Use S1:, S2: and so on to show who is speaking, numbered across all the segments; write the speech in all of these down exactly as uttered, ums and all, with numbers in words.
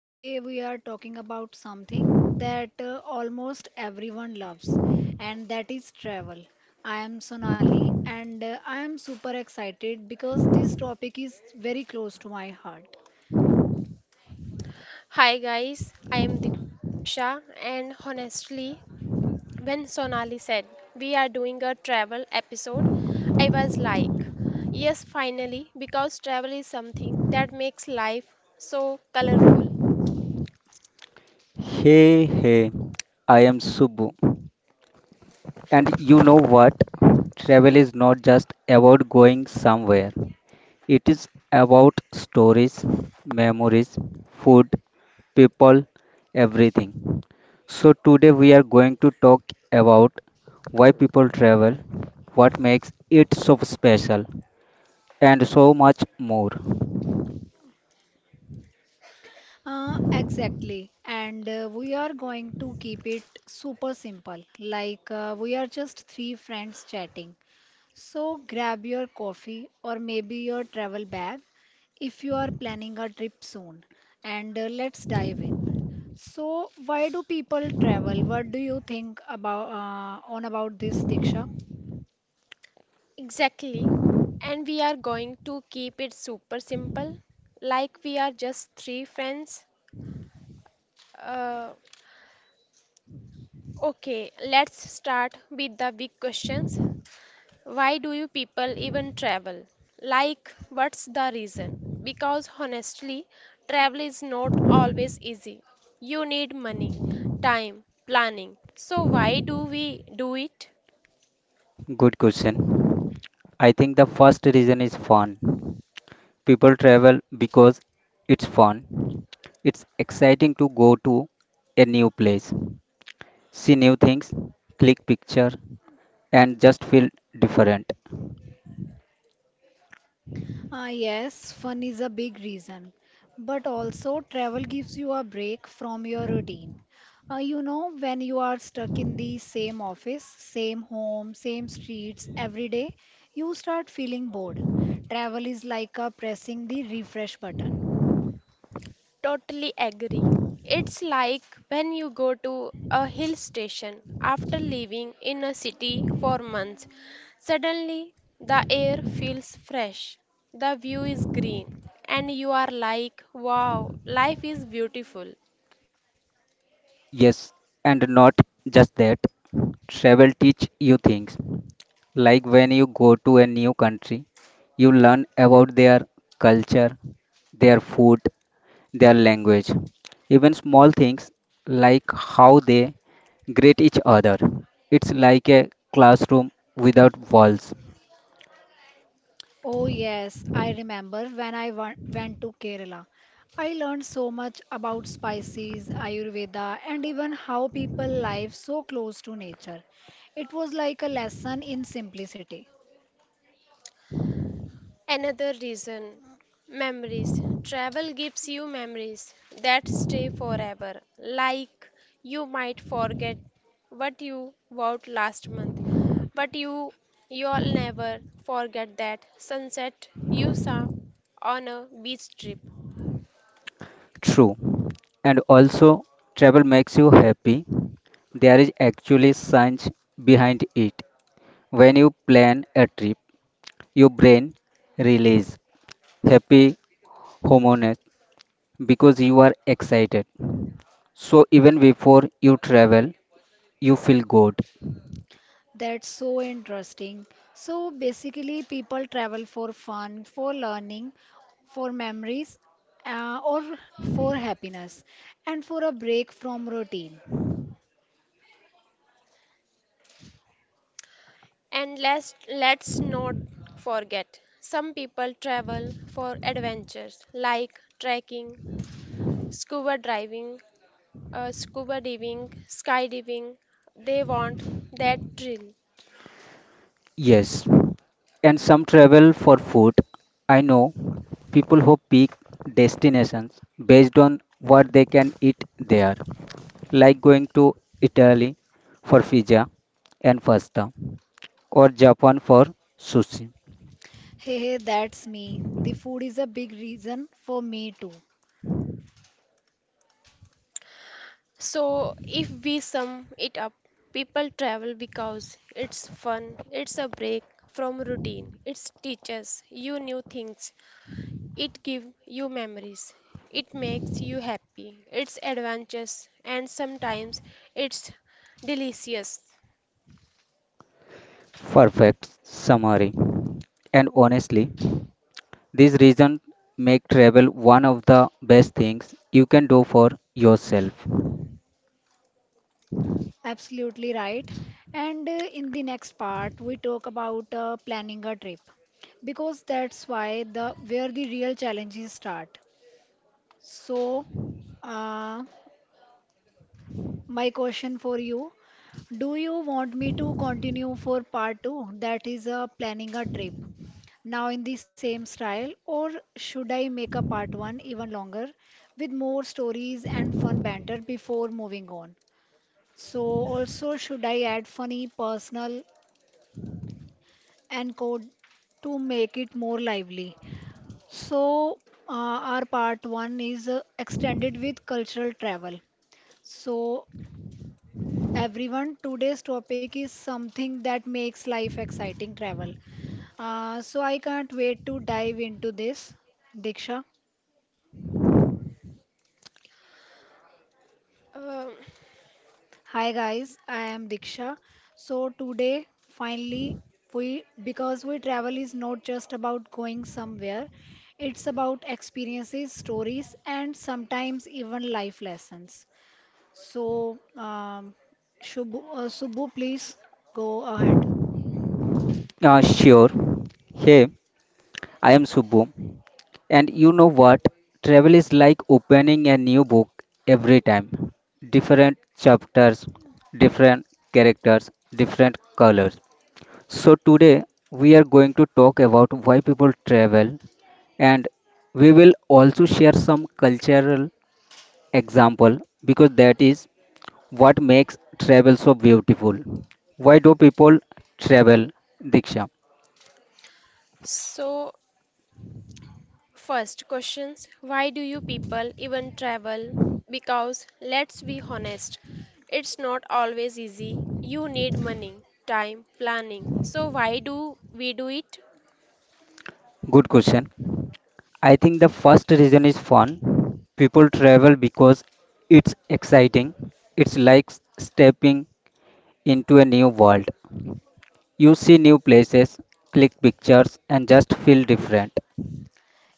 S1: Today we are talking about something that uh, almost everyone loves, and that is travel. I am Sonali, and uh, I am super excited because this topic is very close to my heart.
S2: Hi guys, I am Diksha, and honestly, when Sonali said we are doing a travel episode, I was like, yes, finally, because travel is something that makes life so colorful.
S3: Hey, hey, I am Subbu. And you know what? Travel is not just about going somewhere, it is about stories, memories, food, people, everything. So, today we are going to talk about why people travel, what makes it so special, and so much more.
S1: Uh, exactly, and uh, we are going to keep it super simple, like uh, we are just three friends chatting. So grab your coffee or maybe your travel bag if you are planning a trip soon. And uh, let's dive in. So why do people travel? What do you think about uh, on about this, Diksha?
S2: Exactly, and we are going to keep it super simple, like we are just three friends. Uh, okay, let's start with the big questions. Why do you people even travel? Like, what's the reason? Because honestly, travel is not always easy. You need money, time, planning. So, why do we do it?
S3: Good question. I think the first reason is fun. People travel because it's fun. It's exciting to go to a new place, see new things, click picture, and just feel different.
S1: Ah, yes, fun is a big reason, but also travel gives you a break from your routine. Uh, you know, when you are stuck in the same office, same home, same streets every day, you start feeling bored. Travel is like a pressing the refresh button.
S2: Totally agree. It's like when you go to a hill station after living in a city for months. Suddenly, the air feels fresh, the view is green, and you are like, wow, life is beautiful.
S3: Yes, and not just that. Travel teach you things. Like when you go to a new country, you learn about their culture, their food, their language, even small things like how they greet each other. It's like a classroom without walls.
S1: Oh, yes, I remember when I wa- went to Kerala. I learned so much about spices, Ayurveda, and even how people live so close to nature. It was like a lesson in simplicity.
S2: Another reason memories. Travel gives you memories that stay forever. Like you might forget what you bought last month, but you you'll never forget that sunset you saw on a beach trip.
S3: True. And also, travel makes you happy. There is actually science behind it. When you plan a trip, your brain releases happy hormones because you are excited. So even before you travel, you feel good.
S1: That's so interesting. So basically, people travel for fun, for learning, for memories, uh, or for happiness, and for a break from routine.
S2: And let's let's not forget some people travel for adventures like trekking, scuba diving, uh, scuba diving, skydiving, they want that thrill.
S3: Yes, and some travel for food. I know people who pick destinations based on what they can eat there, like going to Italy for pizza and pasta, or Japan for sushi.
S1: Hey, hey, that's me. The food is a big reason for me too.
S2: So if we sum it up, people travel because it's fun, it's a break from routine, it teaches you new things, it gives you memories, it makes you happy, it's adventurous and sometimes it's delicious.
S3: Perfect summary. And honestly, this reason make travel one of the best things you can do for yourself.
S1: Absolutely right. And uh, in the next part, we talk about uh, planning a trip because that's why the where the real challenges start. So, uh, my question for you, do you want me to continue for part two, that is uh, planning a trip, now in the same style, or should I make a part one even longer with more stories and fun banter before moving on? So, also, should I add funny personal and code to make it more lively. So, uh, our part one is uh, extended with cultural travel. So, everyone, today's topic is something that makes life exciting travel. Uh, so, I can't wait to dive into this, Diksha.
S2: Um
S1: Hi guys, I am Diksha. So today finally we because we travel is not just about going somewhere, it's about experiences, stories and sometimes even life lessons. So um, Shubhu, uh, Subbu please go ahead.
S3: Uh, sure. Hey, I am Subbu, and you know what? Travel is like opening a new book every time. Different chapters, different characters, different colors. So, today we are going to talk about why people travel, and we will also share some cultural example because that is what makes travel so beautiful. Why do people travel, Diksha?
S2: so first questions. Why do you people even travel? Because let's be honest, it's not always easy. You need money, time, planning. So, why do we do it?
S3: Good question. I think the first reason is fun. People travel because it's exciting. It's like s- stepping into a new world. You see new places, click pictures, and just feel different.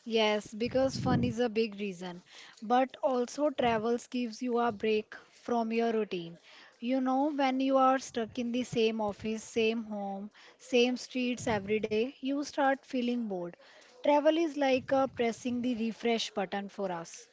S1: Yes, because fun is a big reason, but also travels gives you a break from your routine. You know, when you are stuck in the same office, same home, same streets every day, you start feeling bored. Travel is like uh, pressing the refresh button for us.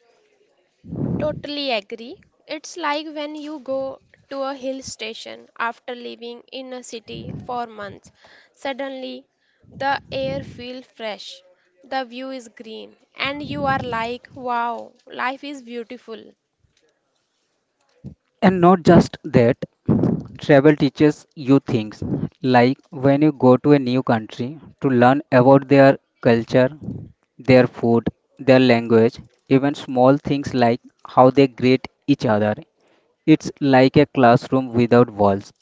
S2: Totally agree. It's like when you go to a hill station after living in a city for months. Suddenly, the air feels fresh, the view is green, and you are like, wow, life is beautiful.
S3: And not just that, travel teaches you things like when you go to a new country to learn about their culture, their food, their language, even small things like how they greet each other. It's like a classroom without walls.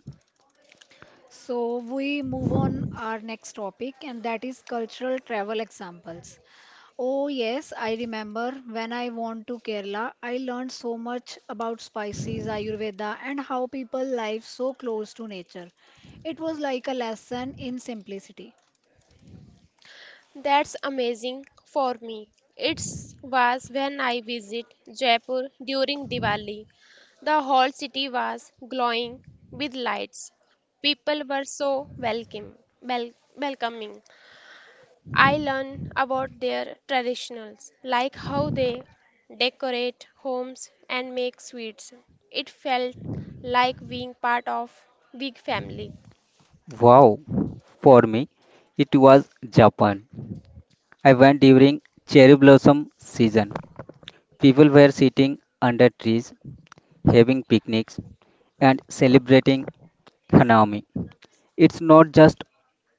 S1: So we move on our next topic, and that is cultural travel examples. Oh, yes, I remember when I went to Kerala, I learned so much about spices, Ayurveda, and how people live so close to nature. It was like a lesson in simplicity.
S2: That's amazing for me. It was when I visit Jaipur during Diwali. The whole city was glowing with lights. People were so welcome, wel- welcoming. I learned about their traditionals, like how they decorate homes and make sweets. It felt like being part of big family.
S3: Wow! For me, it was Japan. I went during cherry blossom season. People were sitting under trees, having picnics, and celebrating Hanami. It's not just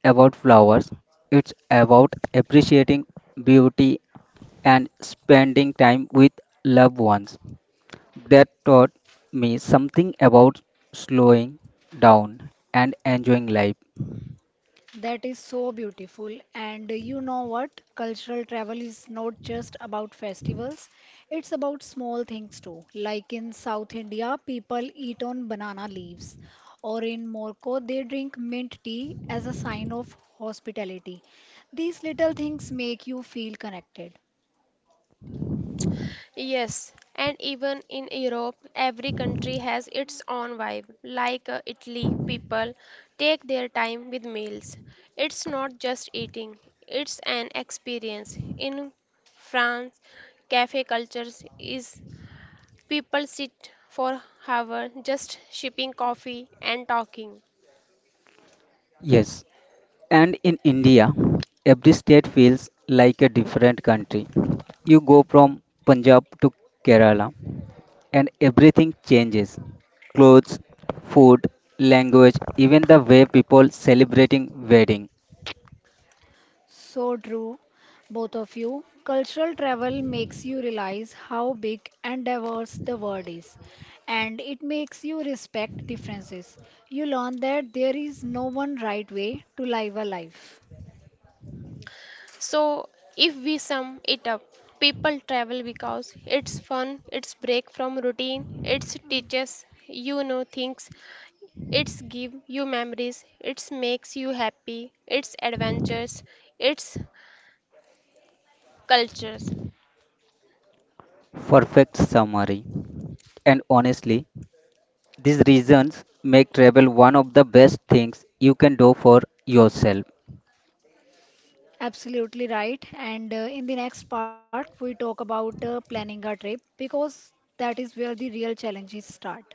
S3: about flowers, it's about appreciating beauty and spending time with loved ones. That taught me something about slowing down and enjoying life.
S1: That is so beautiful. And you know what? Cultural travel is not just about festivals, it's about small things too. Like in South India, people eat on banana leaves, or in Morocco, they drink mint tea as a sign of hospitality. These little things make you feel connected.
S2: Yes, and even in Europe, every country has its own vibe. Like uh, Italy, people take their time with meals. It's not just eating, it's an experience. In France, cafe cultures is people sit for hours just sipping coffee and talking.
S3: Yes, and in India, every state feels like a different country. You go from Punjab to Kerala, and everything changes clothes, food, language, even the way people celebrating wedding.
S1: So true, both of you. Cultural travel makes you realize how big and diverse the world is, and it makes you respect differences. You learn that there is no one right way to live a life.
S2: So, if we sum it up, people travel because it's fun, it's break from routine, it teaches you know things. It's give you memories, it's makes you happy, it's adventures, it's cultures.
S3: Perfect summary. And honestly, these reasons make travel one of the best things you can do for yourself.
S1: Absolutely right. And uh, in the next part, we talk about uh, planning a trip because that is where the real challenges start.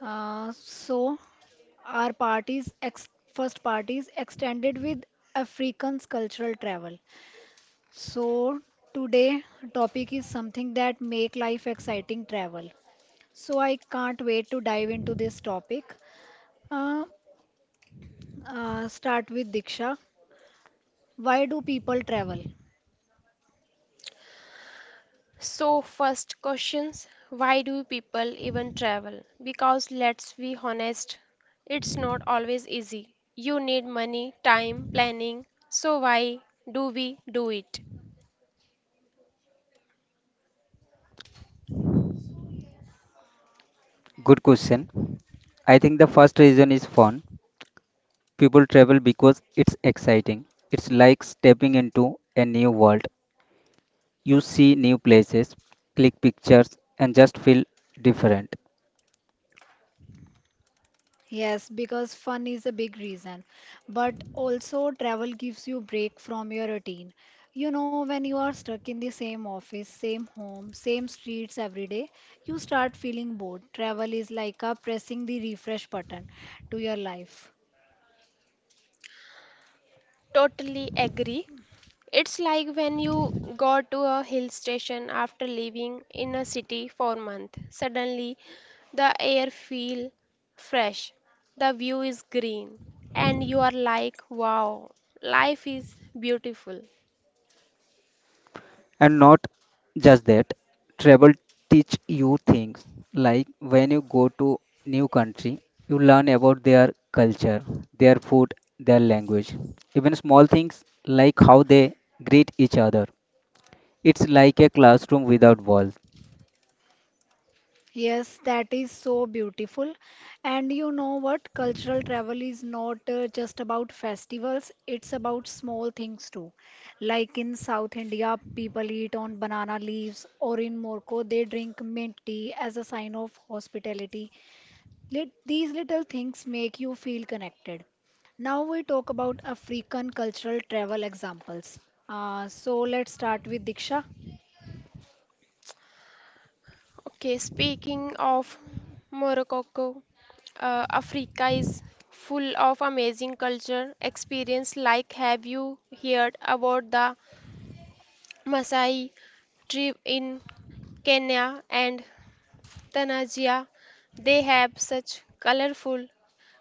S1: Uh, so, our part is ex- first part is extended with Africans' cultural travel. So today topic is something that make life exciting travel. So I can't wait to dive into this topic. Uh, uh, start with Diksha. Why do people travel?
S2: So first questions, why do people even travel? Because let's be honest, it's not always easy. You need money, time, planning. So why do we do it?
S3: Good question. I think the first reason is fun. People travel because it's exciting. It's like stepping into a new world. You see new places, click pictures, and just feel different.
S1: Yes, because fun is a big reason, but also travel gives you break from your routine. You know, when you are stuck in the same office, same home, same streets every day, you start feeling bored. Travel is like a pressing the refresh button to your life.
S2: Totally agree. It's like when you go to a hill station after living in a city for months. Suddenly, the air feels fresh, the view is green, and you are like, wow, life is beautiful.
S3: And not just that, travel teach you things like when you go to new country, you learn about their culture, their food, their language, even small things like how they greet each other. It's like a classroom without walls.
S1: Yes, that is so beautiful. And you know what? Cultural travel is not uh, just about festivals, it's about small things too. Like in South India, people eat on banana leaves, or in Morocco, they drink mint tea as a sign of hospitality. Lit- These little things make you feel connected. Now we talk about African cultural travel examples. Uh, so, let's start with Diksha.
S2: Okay, speaking of Morocco, uh, Africa is full of amazing culture experience. Like, have you heard about the Maasai tribe in Kenya and Tanajia. They have such colorful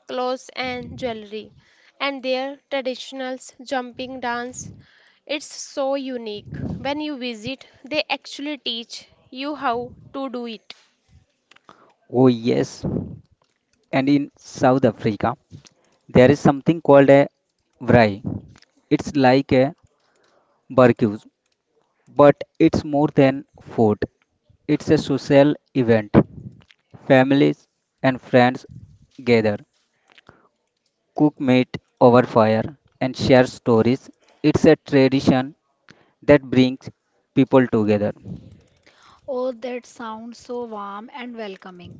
S2: clothes and jewelry, and their traditional jumping dance. It's so unique. When you visit, they actually teach you how to do it.
S3: Oh yes. And in South Africa, there is something called a braai. It's like a barbecue, but it's more than food. It's a social event. Families and friends gather, cook meat over fire, and share stories. It's a tradition that brings people together.
S1: Oh, that sounds so warm and welcoming.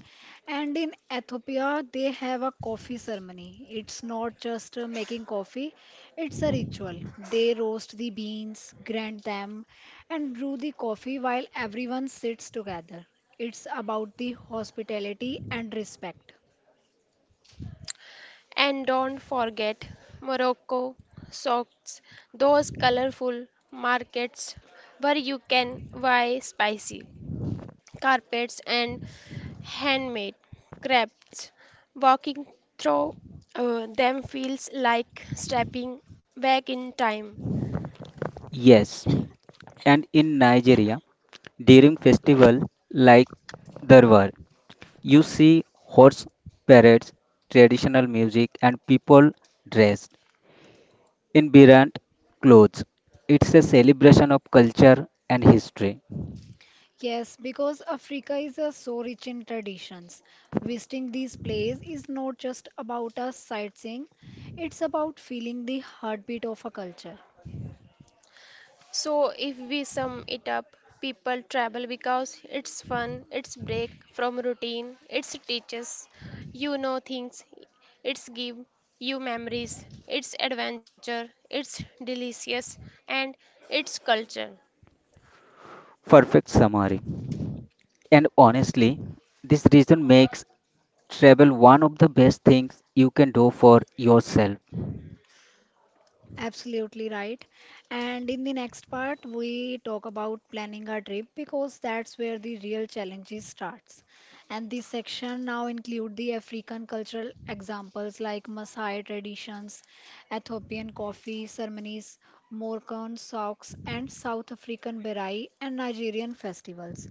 S1: And in Ethiopia, they have a coffee ceremony. It's not just uh, making coffee, it's a ritual. They roast the beans, grind them, and brew the coffee while everyone sits together. It's about the hospitality and respect.
S2: And don't forget Morocco socks, those colorful markets where you can buy spicy carpets and handmade crafts. Walking through uh, them feels like stepping back in time.
S3: Yes, and in Nigeria, during festival like Darbar, you see horse parades, traditional music, and people dress in Birant clothes, it's a celebration of culture and history.
S1: Yes, because Africa is uh, so rich in traditions. Visiting these places is not just about us sightseeing, it's about feeling the heartbeat of a culture.
S2: So, if we sum it up, people travel because it's fun, it's break from routine, it's teaches you know things, it's give you memories, it's adventure, it's delicious, and it's culture.
S3: Perfect summary. And honestly, this reason makes travel one of the best things you can do for yourself.
S1: Absolutely right. And in the next part, we talk about planning our trip because that's where the real challenges starts. And this section now include the African cultural examples like Maasai traditions, Ethiopian coffee ceremonies, Moroccan socks, and South African berai and Nigerian festivals.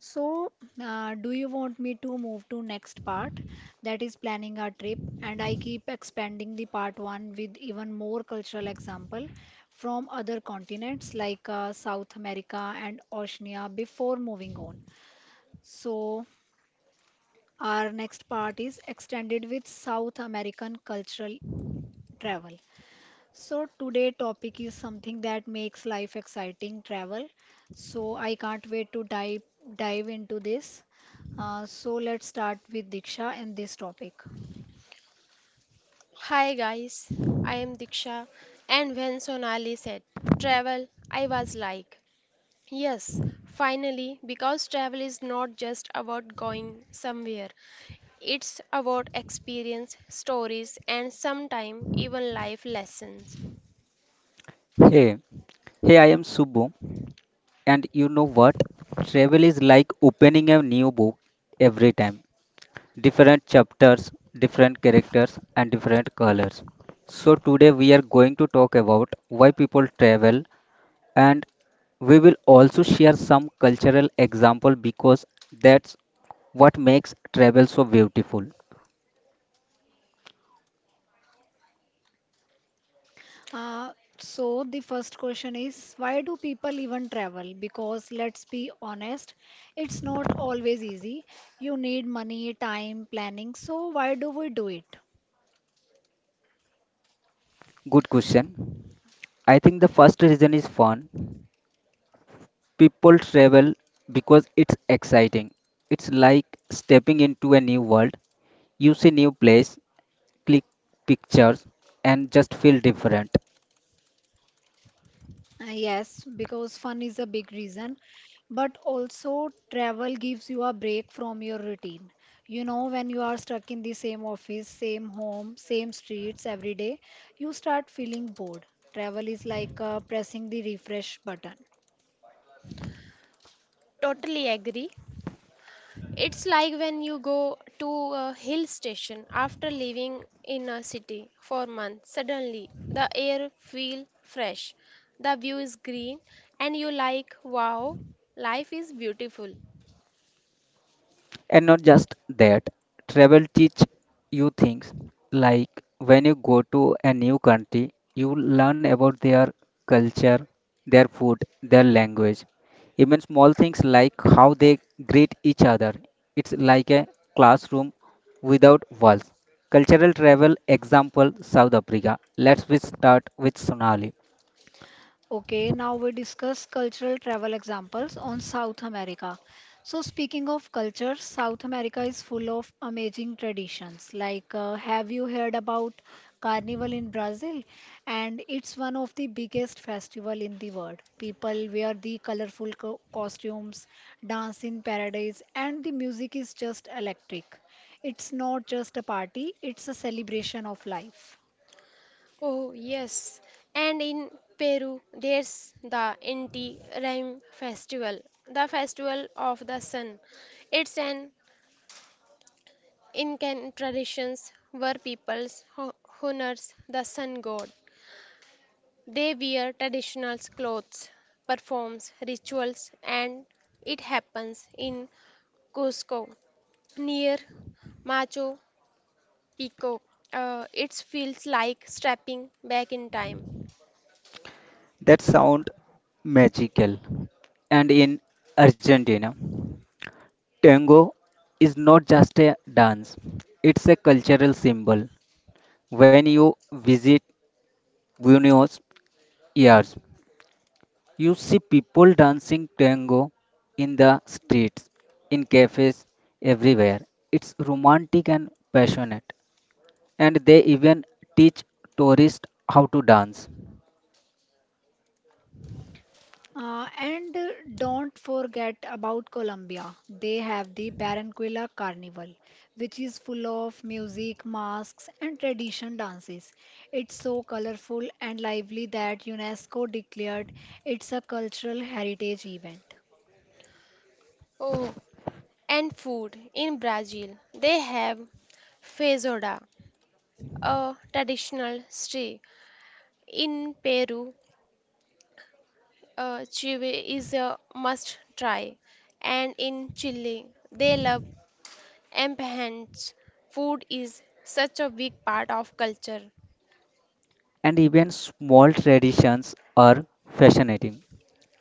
S1: So, uh, do you want me to move to next part that is planning a trip and I keep expanding the part one with even more cultural example from other continents like uh, South America and Oceania before moving on. So, our next part is extended with South American cultural travel. So today topic is something that makes life exciting, travel. So I can't wait to dive dive into this. Uh, so, let's start with Diksha and this topic.
S2: Hi guys, I am Diksha, and when Sonali said travel, I was like, yes, finally, because travel is not just about going somewhere, it's about experience, stories, and sometimes even life lessons.
S3: Hey, hey, I am Subbu, and you know what? Travel is like opening a new book every time. Different chapters, different characters, and different colors. So, today we are going to talk about why people travel and we will also share some cultural example because that's what makes travel so beautiful.
S1: Uh, so the first question is why do people even travel? Because let's be honest, it's not always easy. You need money, time, planning. So why do we do it?
S3: Good question. I think the first reason is fun. People travel because it's exciting. It's like stepping into a new world. You see new place, click pictures and just feel different.
S1: Uh, Yes, because fun is a big reason, but also travel gives you a break from your routine. You know, when you are stuck in the same office, same home, same streets every day, you start feeling bored. Travel is like uh, pressing the refresh button.
S2: Totally agree. It's like when you go to a hill station after living in a city for months, suddenly the air feels fresh, the view is green, and you like, wow, life is beautiful.
S3: And not just that, travel teach you things like when you go to a new country, you learn about their culture, their food, their language, even small things like how they greet each other. It's like a classroom without walls. Cultural travel example South Africa. Let's we start with Sonali.
S1: Okay, now we discuss cultural travel examples on South America. So, speaking of culture, South America is full of amazing traditions. Like, uh, have you heard about Carnival in Brazil? And it's one of the biggest festival in the world. People wear the colorful co- costumes, dance in paradise, and the music is just electric. It's not just a party; it's a celebration of life.
S2: Oh, yes. And in Peru, there's the Inti Raymi festival, the festival of the sun. It's an Incan traditions where peoples ho- honors the sun god. They wear traditional clothes, performs rituals, and it happens in Cusco near Machu Picchu. Uh, it feels like stepping back in time.
S3: That sound magical. And in Argentina. Tango is not just a dance, it's a cultural symbol. When you visit Buenos Aires, you see people dancing tango in the streets, in cafes, everywhere. It's romantic and passionate, and they even teach tourists how to dance.
S1: Uh, and uh, don't forget about Colombia. They have the Barranquilla Carnival, which is full of music, masks, and tradition dances. It's so colorful and lively that UNESCO declared it's a cultural heritage event.
S2: Oh, and food. In Brazil, they have feijoada, a traditional stew. In Peru, uh, chile is a must try, and in Chile, they love empanadas. Food is such a big part of culture.
S3: And even small traditions are fascinating,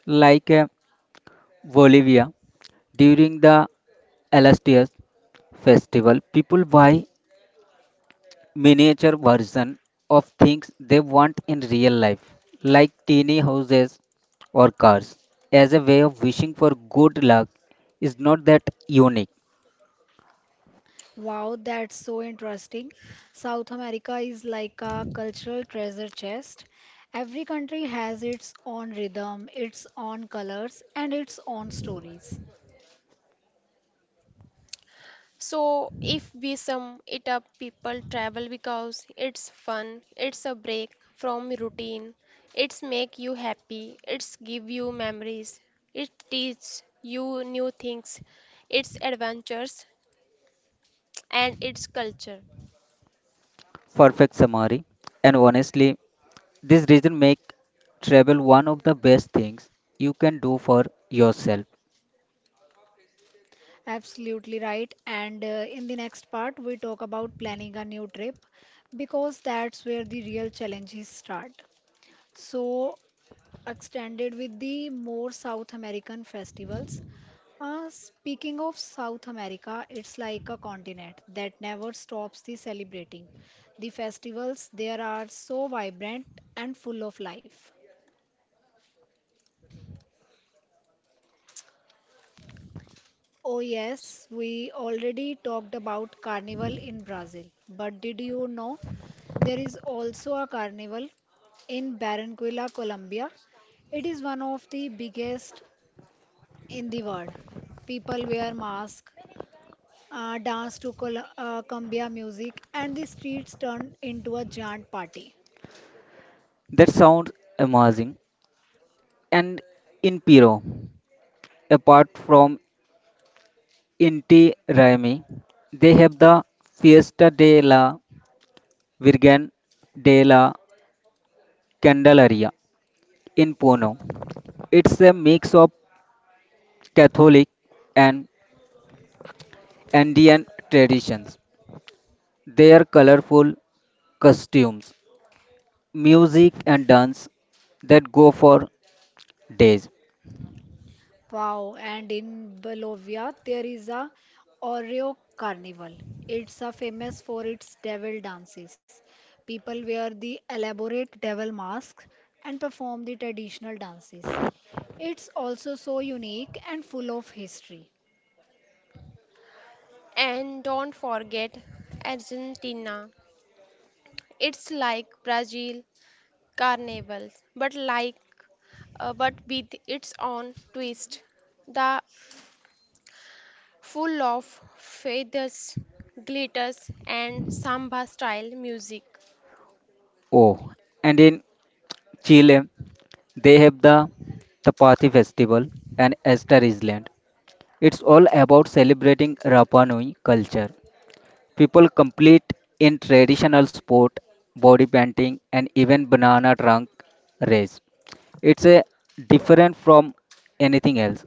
S3: like uh, Bolivia during the Alastias festival, people buy miniature version of things they want in real life, like teeny houses or cars. As a way of wishing for good luck is not that unique.
S1: Wow, that's so interesting. South America is like a cultural treasure chest. Every country has its own rhythm, its own colors, and its own stories.
S2: So, if we sum it up, people travel because it's fun, it's a break from routine, it's make you happy, it's give you memories, it teach you new things, it's adventures and it's culture.
S3: Perfect summary. And honestly, this reason make travel one of the best things you can do for yourself.
S1: Absolutely right. And uh, in the next part, we talk about planning a new trip because that's where the real challenges start. So, extended with the more South American festivals. Uh, speaking of South America, it's like a continent that never stops the celebrating. The festivals there are so vibrant and full of life. Oh, yes, we already talked about carnival in Brazil. But did you know there is also a carnival in Barranquilla, Colombia? It is one of the biggest in the world. People wear masks, uh, dance to Col- uh, cumbia music, and the streets turn into a giant party.
S3: That sounds amazing. And in Piro, apart from Inti Raymi, they have the Fiesta de la Virgen de la Candelaria in Puno. It's a mix of Catholic and Andean traditions. Their colorful costumes, music, and dance that go for days.
S1: Wow, and in Bolivia, there is a Oreo Carnival. It's a famous for its devil dances. People wear the elaborate devil masks and perform the traditional dances. It's also so unique and full of history.
S2: And don't forget Argentina. It's like Brazil carnivals, but like uh, but with its own twist. The full of feathers, glitters, and samba style music.
S3: Oh, and in Chile, they have the Tapati Festival and Easter Island. It's all about celebrating Rapa Nui culture. People complete in traditional sport, body painting, and even banana trunk race. It's a different from anything else.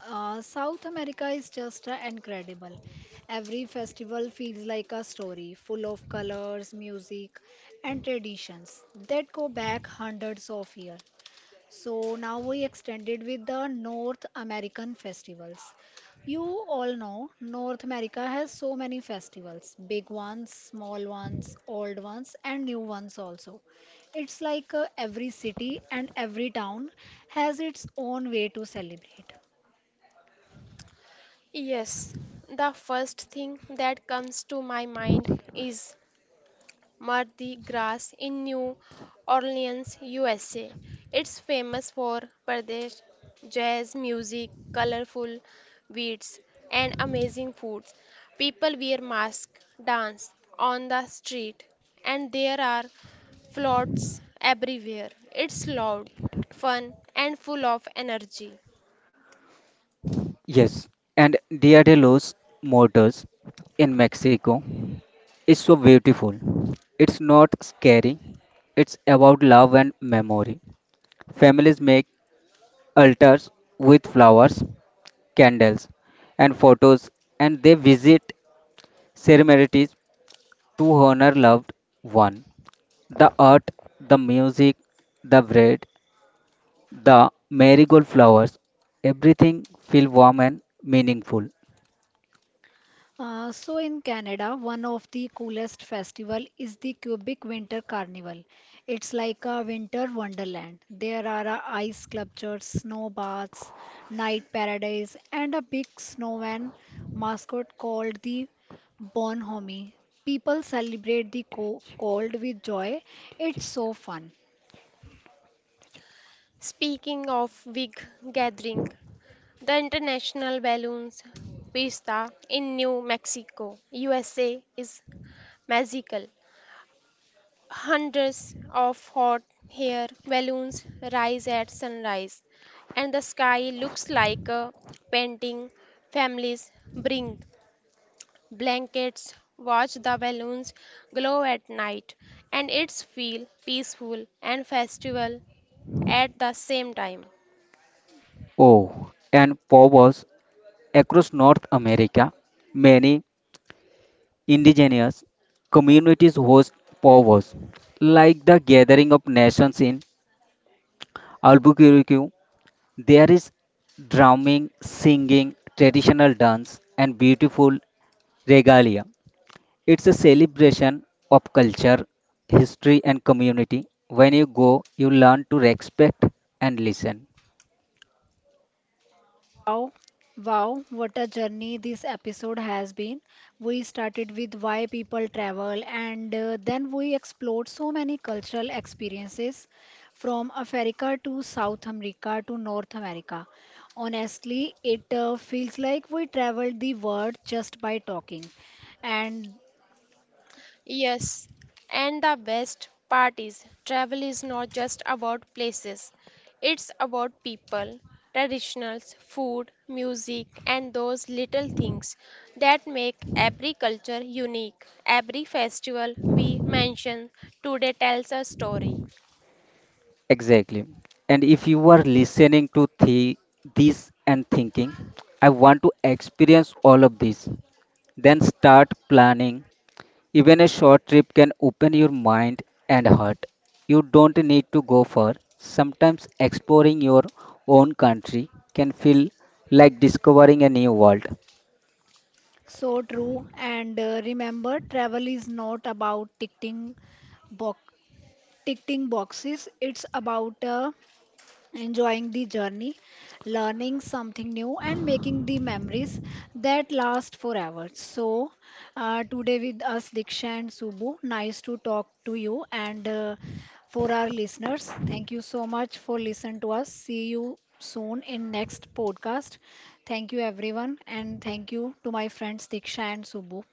S1: Uh, South America is just uh, incredible. Every festival feels like a story, full of colors, music, and traditions that go back hundreds of years. So now we extended with the North American festivals. You all know North America has so many festivals, big ones, small ones, old ones, and new ones also. It's like uh, every city and every town has its own way to celebrate.
S2: Yes, the first thing that comes to my mind is Mardi Gras in New Orleans, U S A. It's famous for Pradesh jazz music, colorful beats, and amazing foods. People wear masks, dance on the street, and there are floats everywhere. It's loud, fun, and full of energy.
S3: Yes, and Dia de los Muertos in Mexico is so beautiful. It's not scary. It's about love and memory. Families make altars with flowers, candles, and photos, and they visit ceremonies to honor loved one. The art, the music, the bread, the marigold flowers, everything feel warm and meaningful.
S1: Uh, so in Canada, one of the coolest festival is the Quebec Winter Carnival. It's like a winter wonderland. There are uh, ice sculptures, snow baths, night paradise, and a big snowman mascot called the Bonhomie. People celebrate the co- cold with joy. It's so fun.
S2: Speaking of big gathering, the International Balloons Fiesta in New Mexico, U S A is magical. Hundreds of hot air balloons rise at sunrise, and the sky looks like a painting. Families bring blankets, watch the balloons glow at night, and it's feel peaceful and festival at the same time.
S3: Oh, and powwows across North America, many indigenous communities host powwows. Like the gathering of nations in Albuquerque, there is drumming, singing, traditional dance, and beautiful regalia. It's a celebration of culture, history, and community. When you go, you learn to respect and listen.
S1: Wow, wow, what a journey this episode has been. We started with why people travel, and uh, then we explored so many cultural experiences from Africa to South America to North America. Honestly, it uh, feels like we traveled the world just by talking. And
S2: Yes, and the best part is travel is not just about places, it's about people, traditionals, food, music, and those little things that make every culture unique. Every festival we mention today tells a story.
S3: Exactly. And if you are listening to the, this and thinking, I want to experience all of this, then start planning. Even a short trip can open your mind and heart. You don't need to go far. Sometimes exploring your own country can feel like discovering a new world.
S1: so true. And uh, remember, travel is not about ticking box ticking boxes. It's about a enjoying the journey, learning something new, and making the memories that last forever. So, uh, today with us, Diksha and Subbu, nice to talk to you. And uh, for our listeners, thank you so much for listening to us. See you soon in next podcast. Thank you, everyone. And thank you to my friends, Diksha and Subbu.